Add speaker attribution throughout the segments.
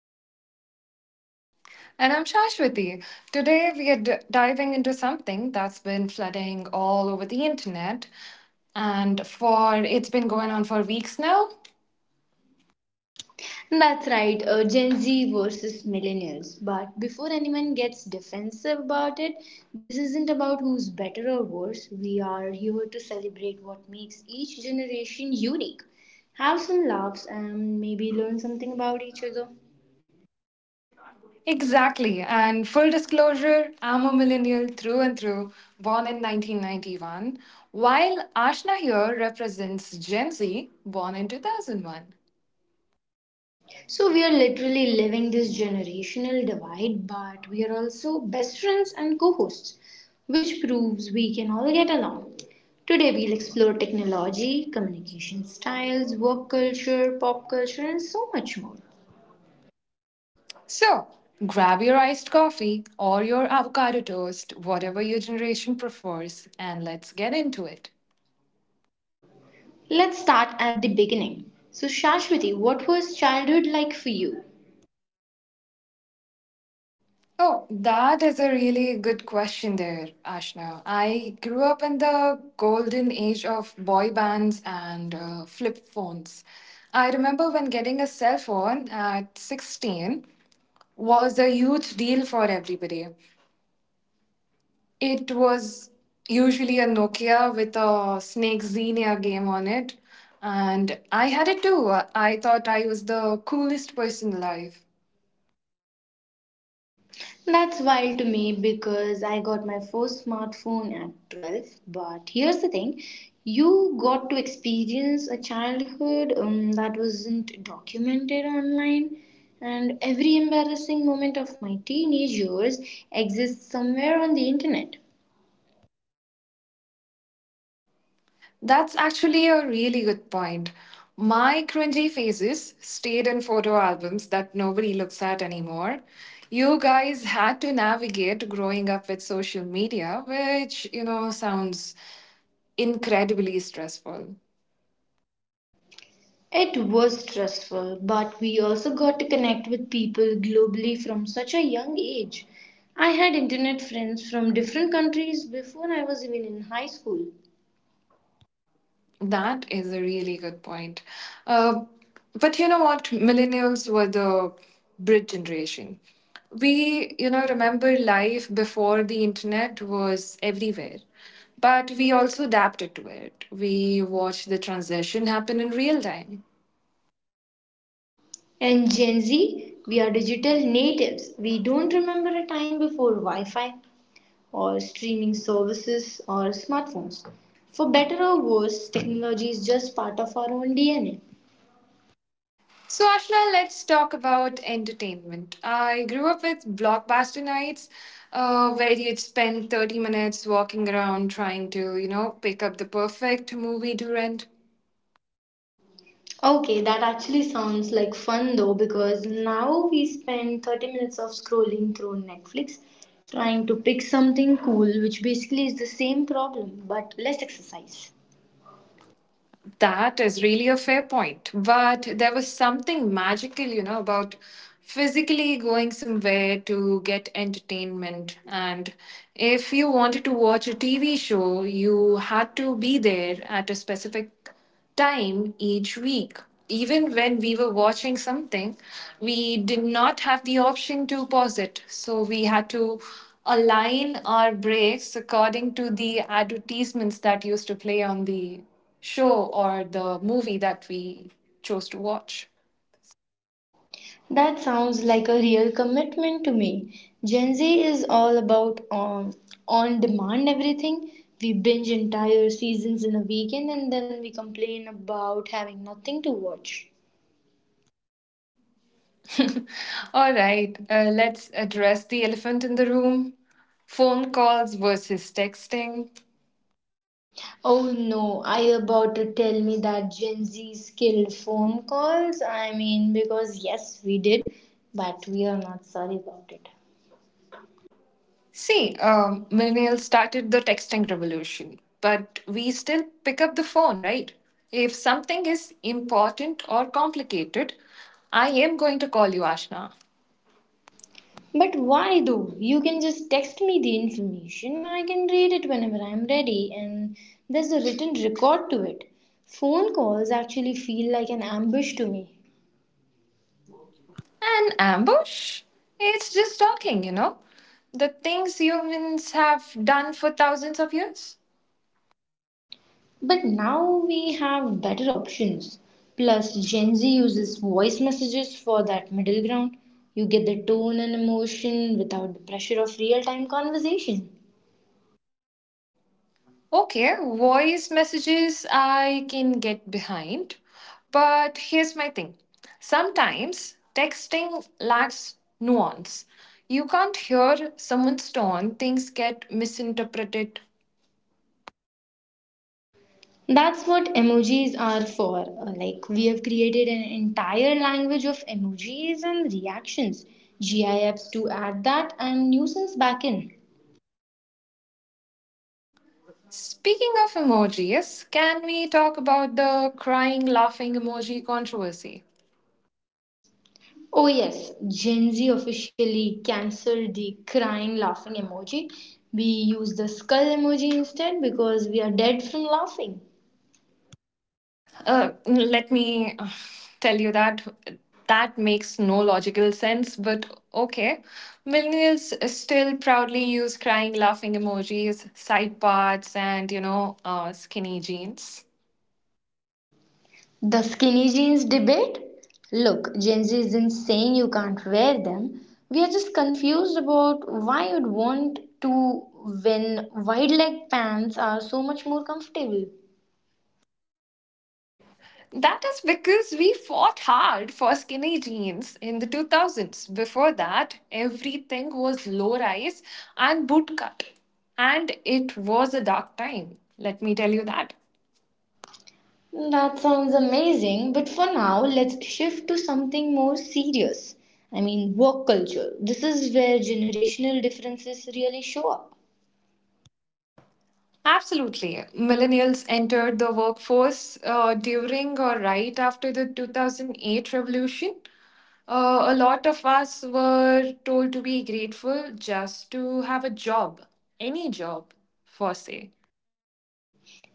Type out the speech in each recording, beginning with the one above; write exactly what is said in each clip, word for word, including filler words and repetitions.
Speaker 1: am Ashna.
Speaker 2: And I'm Shashwati. Today we are d- diving into something that's been flooding all over the internet and for it's been going on for weeks now.
Speaker 1: And that's right, uh, Gen Z versus millennials. But before anyone gets defensive about it, this isn't about who's better or worse. We are here to celebrate what makes each generation unique, have some laughs, and maybe learn something about each other.
Speaker 2: Exactly. And full disclosure, I'm a millennial through and through, born in nineteen ninety-one, while Ashna here represents Gen Z, born in two thousand one.
Speaker 1: So we are literally living this generational divide, but we are also best friends and co hosts, which proves we can all get along. Today we'll explore technology, communication styles, work culture, pop culture, and so much more.
Speaker 2: So, grab your iced coffee or your avocado toast, whatever your generation prefers, and let's get into it.
Speaker 1: Let's start at the beginning. So, Shashwati, what was childhood like for you?
Speaker 2: Oh, that is a really good question there, Ashna. I grew up in the golden age of boy bands and uh, flip phones. I remember when getting a cell phone at sixteen was a huge deal for everybody. It was usually a Nokia with a Snake Xenia game on it, and I had it too. I thought I was the coolest person alive.
Speaker 1: That's wild to me because I got my first smartphone at twelve. But here's the thing, you got to experience a childhood um, that wasn't documented online, and every embarrassing moment of my teenage years exists somewhere on the internet.
Speaker 2: That's actually a really good point. My cringy phases stayed in photo albums that nobody looks at anymore. You guys had to navigate growing up with social media, which, you know, sounds incredibly stressful.
Speaker 1: It was stressful, but we also got to connect with people globally from such a young age. I had internet friends from different countries before I was even in high school.
Speaker 2: That is a really good point. Uh, but you know what? Millennials were the bridge generation. We, you know, remember life before the internet was everywhere. But we also adapted to it. We watched the transition happen in real time.
Speaker 1: And Gen Z, we are digital natives. We don't remember a time before Wi Fi or streaming services or smartphones. For better or worse, technology is just part of our own D N A.
Speaker 2: So, Ashna, let's talk about entertainment. I grew up with blockbuster nights uh, where you'd spend thirty minutes walking around trying to, you know, pick up the perfect movie to rent.
Speaker 1: Okay, that actually sounds like fun though, because now we spend thirty minutes of scrolling through Netflix trying to pick something cool, which basically is the same problem but less exercise.
Speaker 2: That is really a fair point. But there was something magical, you know, about physically going somewhere to get entertainment. And if you wanted to watch a T V show, you had to be there at a specific time each week. Even when we were watching something, we did not have the option to pause it. So we had to align our breaks according to the advertisements that used to play on the show or the movie that we chose to watch.
Speaker 1: That sounds like a real commitment to me. Gen Z is all about um, on demand everything. We binge entire seasons in a weekend and then we complain about having nothing to watch.
Speaker 2: All right, uh, let's address the elephant in the room phone calls versus texting.
Speaker 1: Oh no, are you about to tell me that Gen Z skilled phone calls? I mean, because yes, we did, but we are not sorry about it.
Speaker 2: See, um, millennials started the texting revolution, but we still pick up the phone, right? If something is important or complicated, I am going to call you Ashna.
Speaker 1: But why though? You can just text me the information. I can read it whenever I'm ready, and there's a written record to it. Phone calls actually feel like an ambush to me.
Speaker 2: An ambush? It's just talking, you know? The things humans have done for thousands of years.
Speaker 1: But now we have better options. Plus, Gen Z uses voice messages for that middle ground. You get the tone and emotion without the pressure of real time conversation.
Speaker 2: Okay, voice messages I can get behind. But here's my thing sometimes texting lacks nuance. You can't hear someone's tone, things get misinterpreted.
Speaker 1: That's what emojis are for. Uh, Like, we have created an entire language of emojis and reactions. GIFs to add that and nuisance back in.
Speaker 2: Speaking of emojis, can we talk about the crying laughing emoji controversy?
Speaker 1: Oh, yes, Gen Z officially cancelled the crying laughing emoji. We use the skull emoji instead because we are dead from laughing.
Speaker 2: Uh, let me uh, tell you that that makes no logical sense, but okay. Millennials still proudly use crying, laughing emojis, side parts, and you know, uh, skinny jeans.
Speaker 1: The skinny jeans debate? Look, Gen Z isn't saying you can't wear them. We are just confused about why you'd want to when wide leg pants are so much more comfortable.
Speaker 2: That is because we fought hard for skinny jeans in the two thousands. Before that, everything was low rise and bootcut, and it was a dark time. Let me tell you that.
Speaker 1: That sounds amazing, but for now, let's shift to something more serious. I mean, work culture. This is where generational differences really show up.
Speaker 2: Absolutely. Millennials entered the workforce uh, during or right after the two thousand eight revolution. Uh, a lot of us were told to be grateful just to have a job, any job, for say.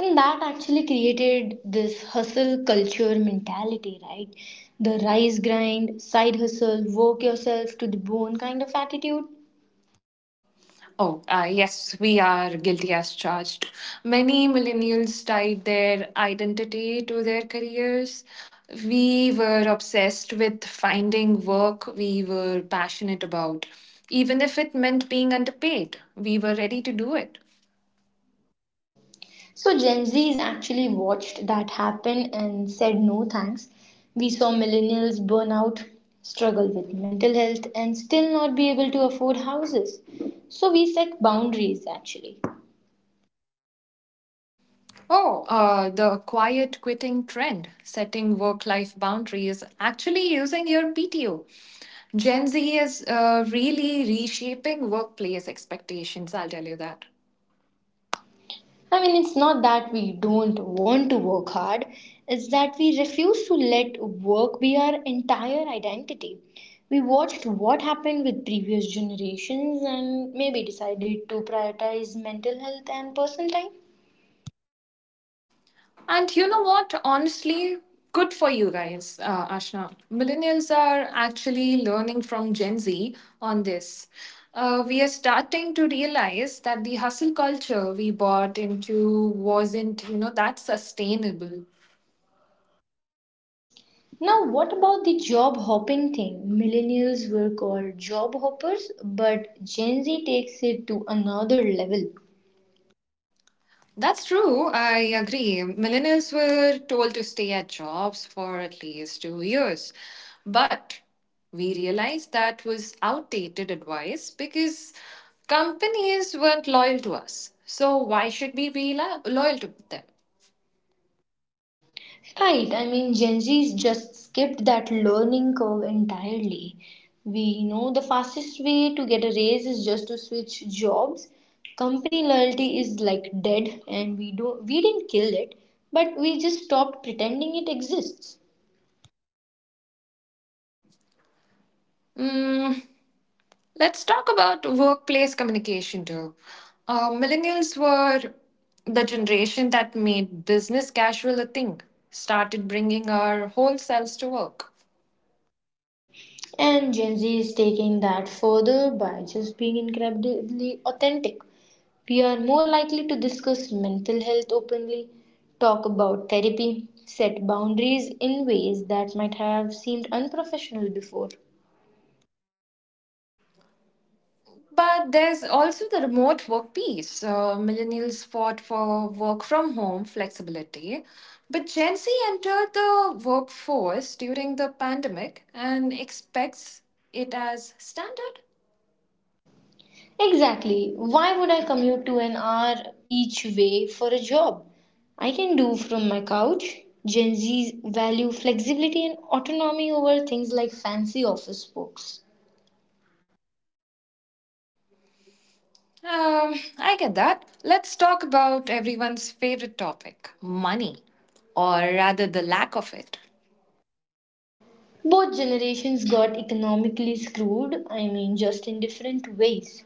Speaker 1: And that actually created this hustle culture mentality, right? The rise grind, side hustle, work yourself to the bone kind of attitude.
Speaker 2: Oh, uh, yes, we are guilty as charged. Many millennials tied their identity to their careers. We were obsessed with finding work we were passionate about, even if it meant being underpaid. We were ready to do it.
Speaker 1: So Gen Z's actually watched that happen and said no thanks. We saw millennials burn out, struggle with mental health, and still not be able to afford houses. So we set boundaries actually.
Speaker 2: Oh, uh, the quiet quitting trend, setting work life boundaries, actually using your P T O. Gen Z is uh, really reshaping workplace expectations, I'll tell you that.
Speaker 1: I mean, it's not that we don't want to work hard, it's that we refuse to let work be our entire identity. We watched what happened with previous generations and maybe decided to prioritize mental health and personal time.
Speaker 2: And you know what? Honestly, good for you guys, uh, Ashna. Millennials are actually learning from Gen Z on this. Uh, we are starting to realize that the hustle culture we bought into wasn't, you know, that sustainable.
Speaker 1: Now, what about the job hopping thing? Millennials were called job hoppers, but Gen Z takes it to another level.
Speaker 2: That's true. I agree. Millennials were told to stay at jobs for at least two years. But we realized that was outdated advice because companies weren't loyal to us. So why should we be lo- loyal to them?
Speaker 1: Right, I mean, Gen Z's just skipped that learning curve entirely. We know the fastest way to get a raise is just to switch jobs. Company loyalty is like dead, and we do we didn't kill it, but we just stopped pretending it exists.
Speaker 2: Mm, let's talk about workplace communication too. Uh, millennials were the generation that made business casual a thing, started bringing our whole selves to work.
Speaker 1: And Gen Z is taking that further by just being incredibly authentic. We are more likely to discuss mental health openly, talk about therapy, set boundaries in ways that might have seemed unprofessional before.
Speaker 2: But there's also the remote work piece. Uh, millennials fought for work from home flexibility, but Gen Z entered the workforce during the pandemic and expects it as standard.
Speaker 1: Exactly. Why would I commute to an hour each way for a job? I can do from my couch. Gen Z's value flexibility and autonomy over things like fancy office books.
Speaker 2: Um, I get that. Let's talk about everyone's favorite topic money, or rather, the lack of it.
Speaker 1: Both generations got economically screwed, I mean, just in different ways.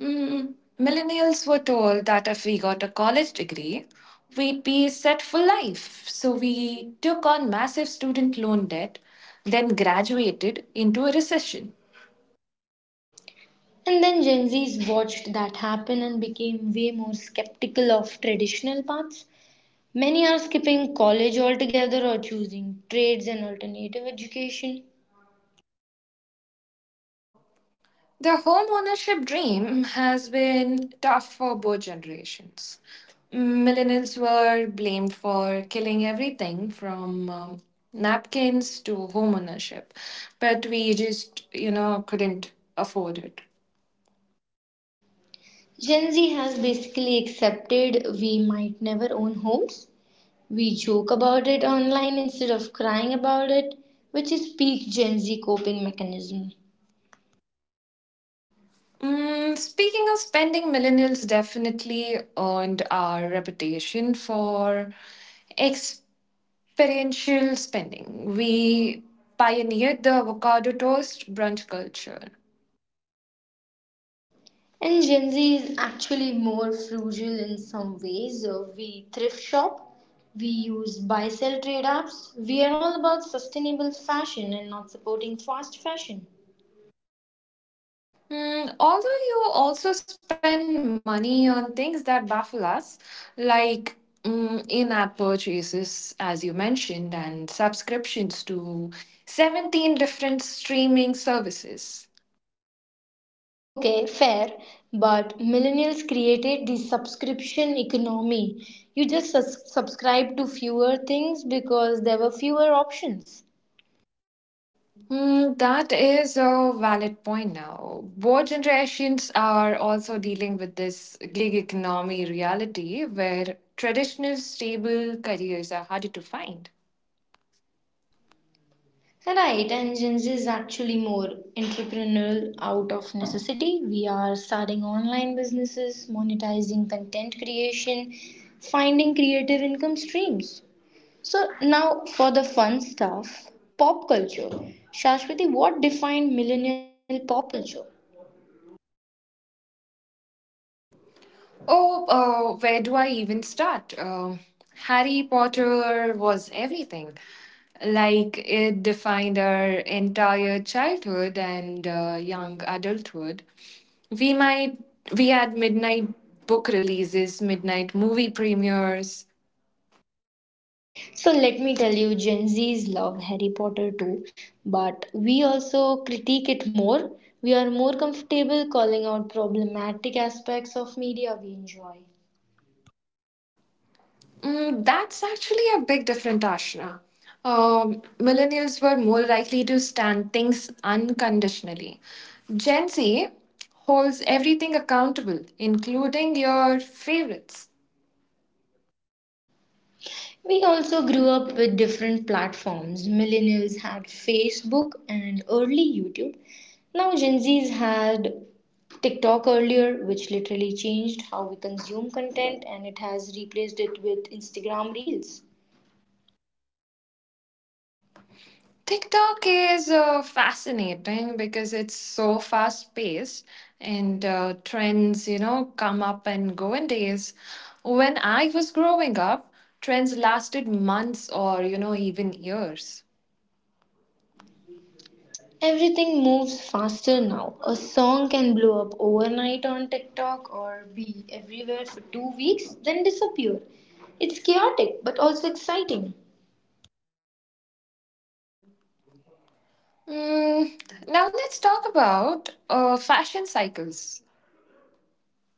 Speaker 2: Mm, millennials were told that if we got a college degree, we'd be set for life. So we took on massive student loan debt, then graduated into a recession.
Speaker 1: And then Gen Zs watched that happen and became way more skeptical of traditional paths. Many are skipping college altogether or choosing trades and alternative education.
Speaker 2: The home ownership dream has been tough for both generations. Millennials were blamed for killing everything from um, napkins to home ownership, but we just, you know, couldn't afford it.
Speaker 1: Gen Z has basically accepted we might never own homes. We joke about it online instead of crying about it, which is peak Gen Z coping mechanism.
Speaker 2: Mm, speaking of spending, millennials definitely earned our reputation for experiential spending. We pioneered the avocado toast brunch culture.
Speaker 1: And Gen Z is actually more frugal in some ways. Uh, We thrift shop, we use buy sell trade apps. We are all about sustainable fashion and not supporting fast fashion.
Speaker 2: Mm, although you also spend money on things that baffle us, like mm, in app purchases, as you mentioned, and subscriptions to seventeen different streaming services.
Speaker 1: Okay, fair, but millennials created the subscription economy. You just sus- subscribe to fewer things because there were fewer options.
Speaker 2: Mm, that is a valid point now. Both generations are also dealing with this gig economy reality where traditional stable careers are harder to find.
Speaker 1: Right, and Gen Z is actually more entrepreneurial out of necessity. We are starting online businesses, monetizing content creation, finding creative income streams. So, now for the fun stuff, pop culture. Shashwati, what defined millennial pop culture?
Speaker 2: Oh, uh, where do I even start? Um Harry Potter was everything. Like, it defined our entire childhood and uh, young adulthood. We might, we had midnight book releases, midnight movie premieres.
Speaker 1: So, let me tell you, Gen Zs love Harry Potter too, but we also critique it more. We are more comfortable calling out problematic aspects of media we enjoy.
Speaker 2: Mm, that's actually a big difference, Ashna. Um, millennials were more likely to stand things unconditionally. Gen Z holds everything accountable, including your favorites.
Speaker 1: We also grew up with different platforms. Millennials had Facebook and early YouTube. Now Gen Zs had TikTok earlier, which literally changed how we consume content and it has replaced it with Instagram Reels.
Speaker 2: TikTok is uh, fascinating because it's so fast paced and uh, trends, you know, come up and go in days. When I was growing up, trends lasted months or, you know, even years.
Speaker 1: Everything moves faster now. A song can blow up overnight on TikTok or be everywhere for two weeks, then disappear. It's chaotic but also exciting.
Speaker 2: Mm, now let's talk about uh, fashion cycles.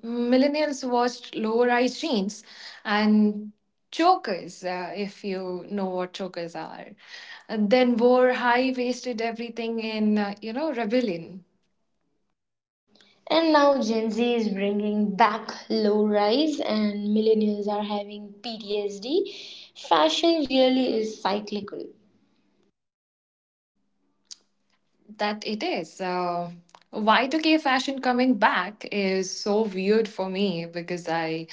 Speaker 2: Millennials watched low-rise jeans and chokers, uh, if you know what chokers are, and then wore high-waisted everything in, uh, you know, rebellion.
Speaker 1: And now Gen Z is bringing back low rise, and millennials are having P T S D. Fashion really is cyclical.
Speaker 2: That it is. Uh, Y two K fashion coming back is so weird for me because I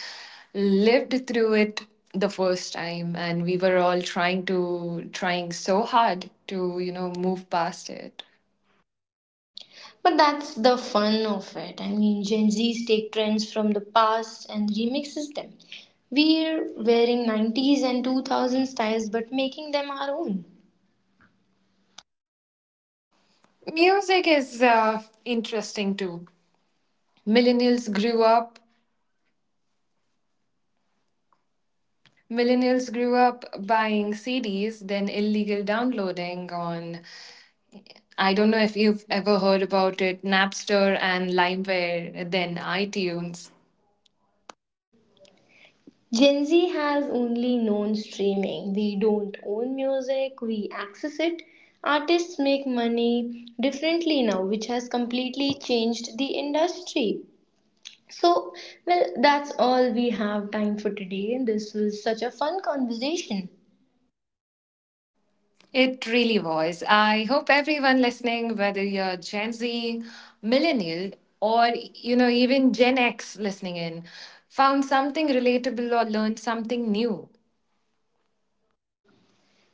Speaker 2: lived through it the first time and we were all trying to trying so hard to you know move past it.
Speaker 1: But that's the fun of it. I mean, Gen Zs take trends from the past and remixes them. We're wearing nineties and two thousand styles but making them our own.
Speaker 2: Music is uh, interesting too. millennials grew up Millennials grew up buying C Ds then illegal downloading on I don't know if you've ever heard about it Napster and LimeWire, then iTunes.
Speaker 1: Gen Z has only known streaming. We don't own music, we access it. Artists make money differently now, which has completely changed the industry. So, well, that's all we have time for today. This was such a fun conversation.
Speaker 2: It really was. I hope everyone listening, whether you're Gen Z, millennial, or you know even Gen X listening in, found something relatable or learned something new.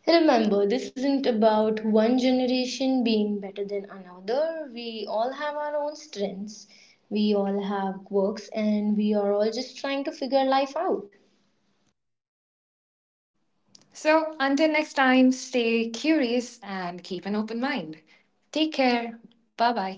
Speaker 1: Remember, this isn't about one generation being better than another. We all have our own strengths, we all have quirks, and we are all just trying to figure life out.
Speaker 2: So until next time, stay curious and keep an open mind. Take care. Bye bye.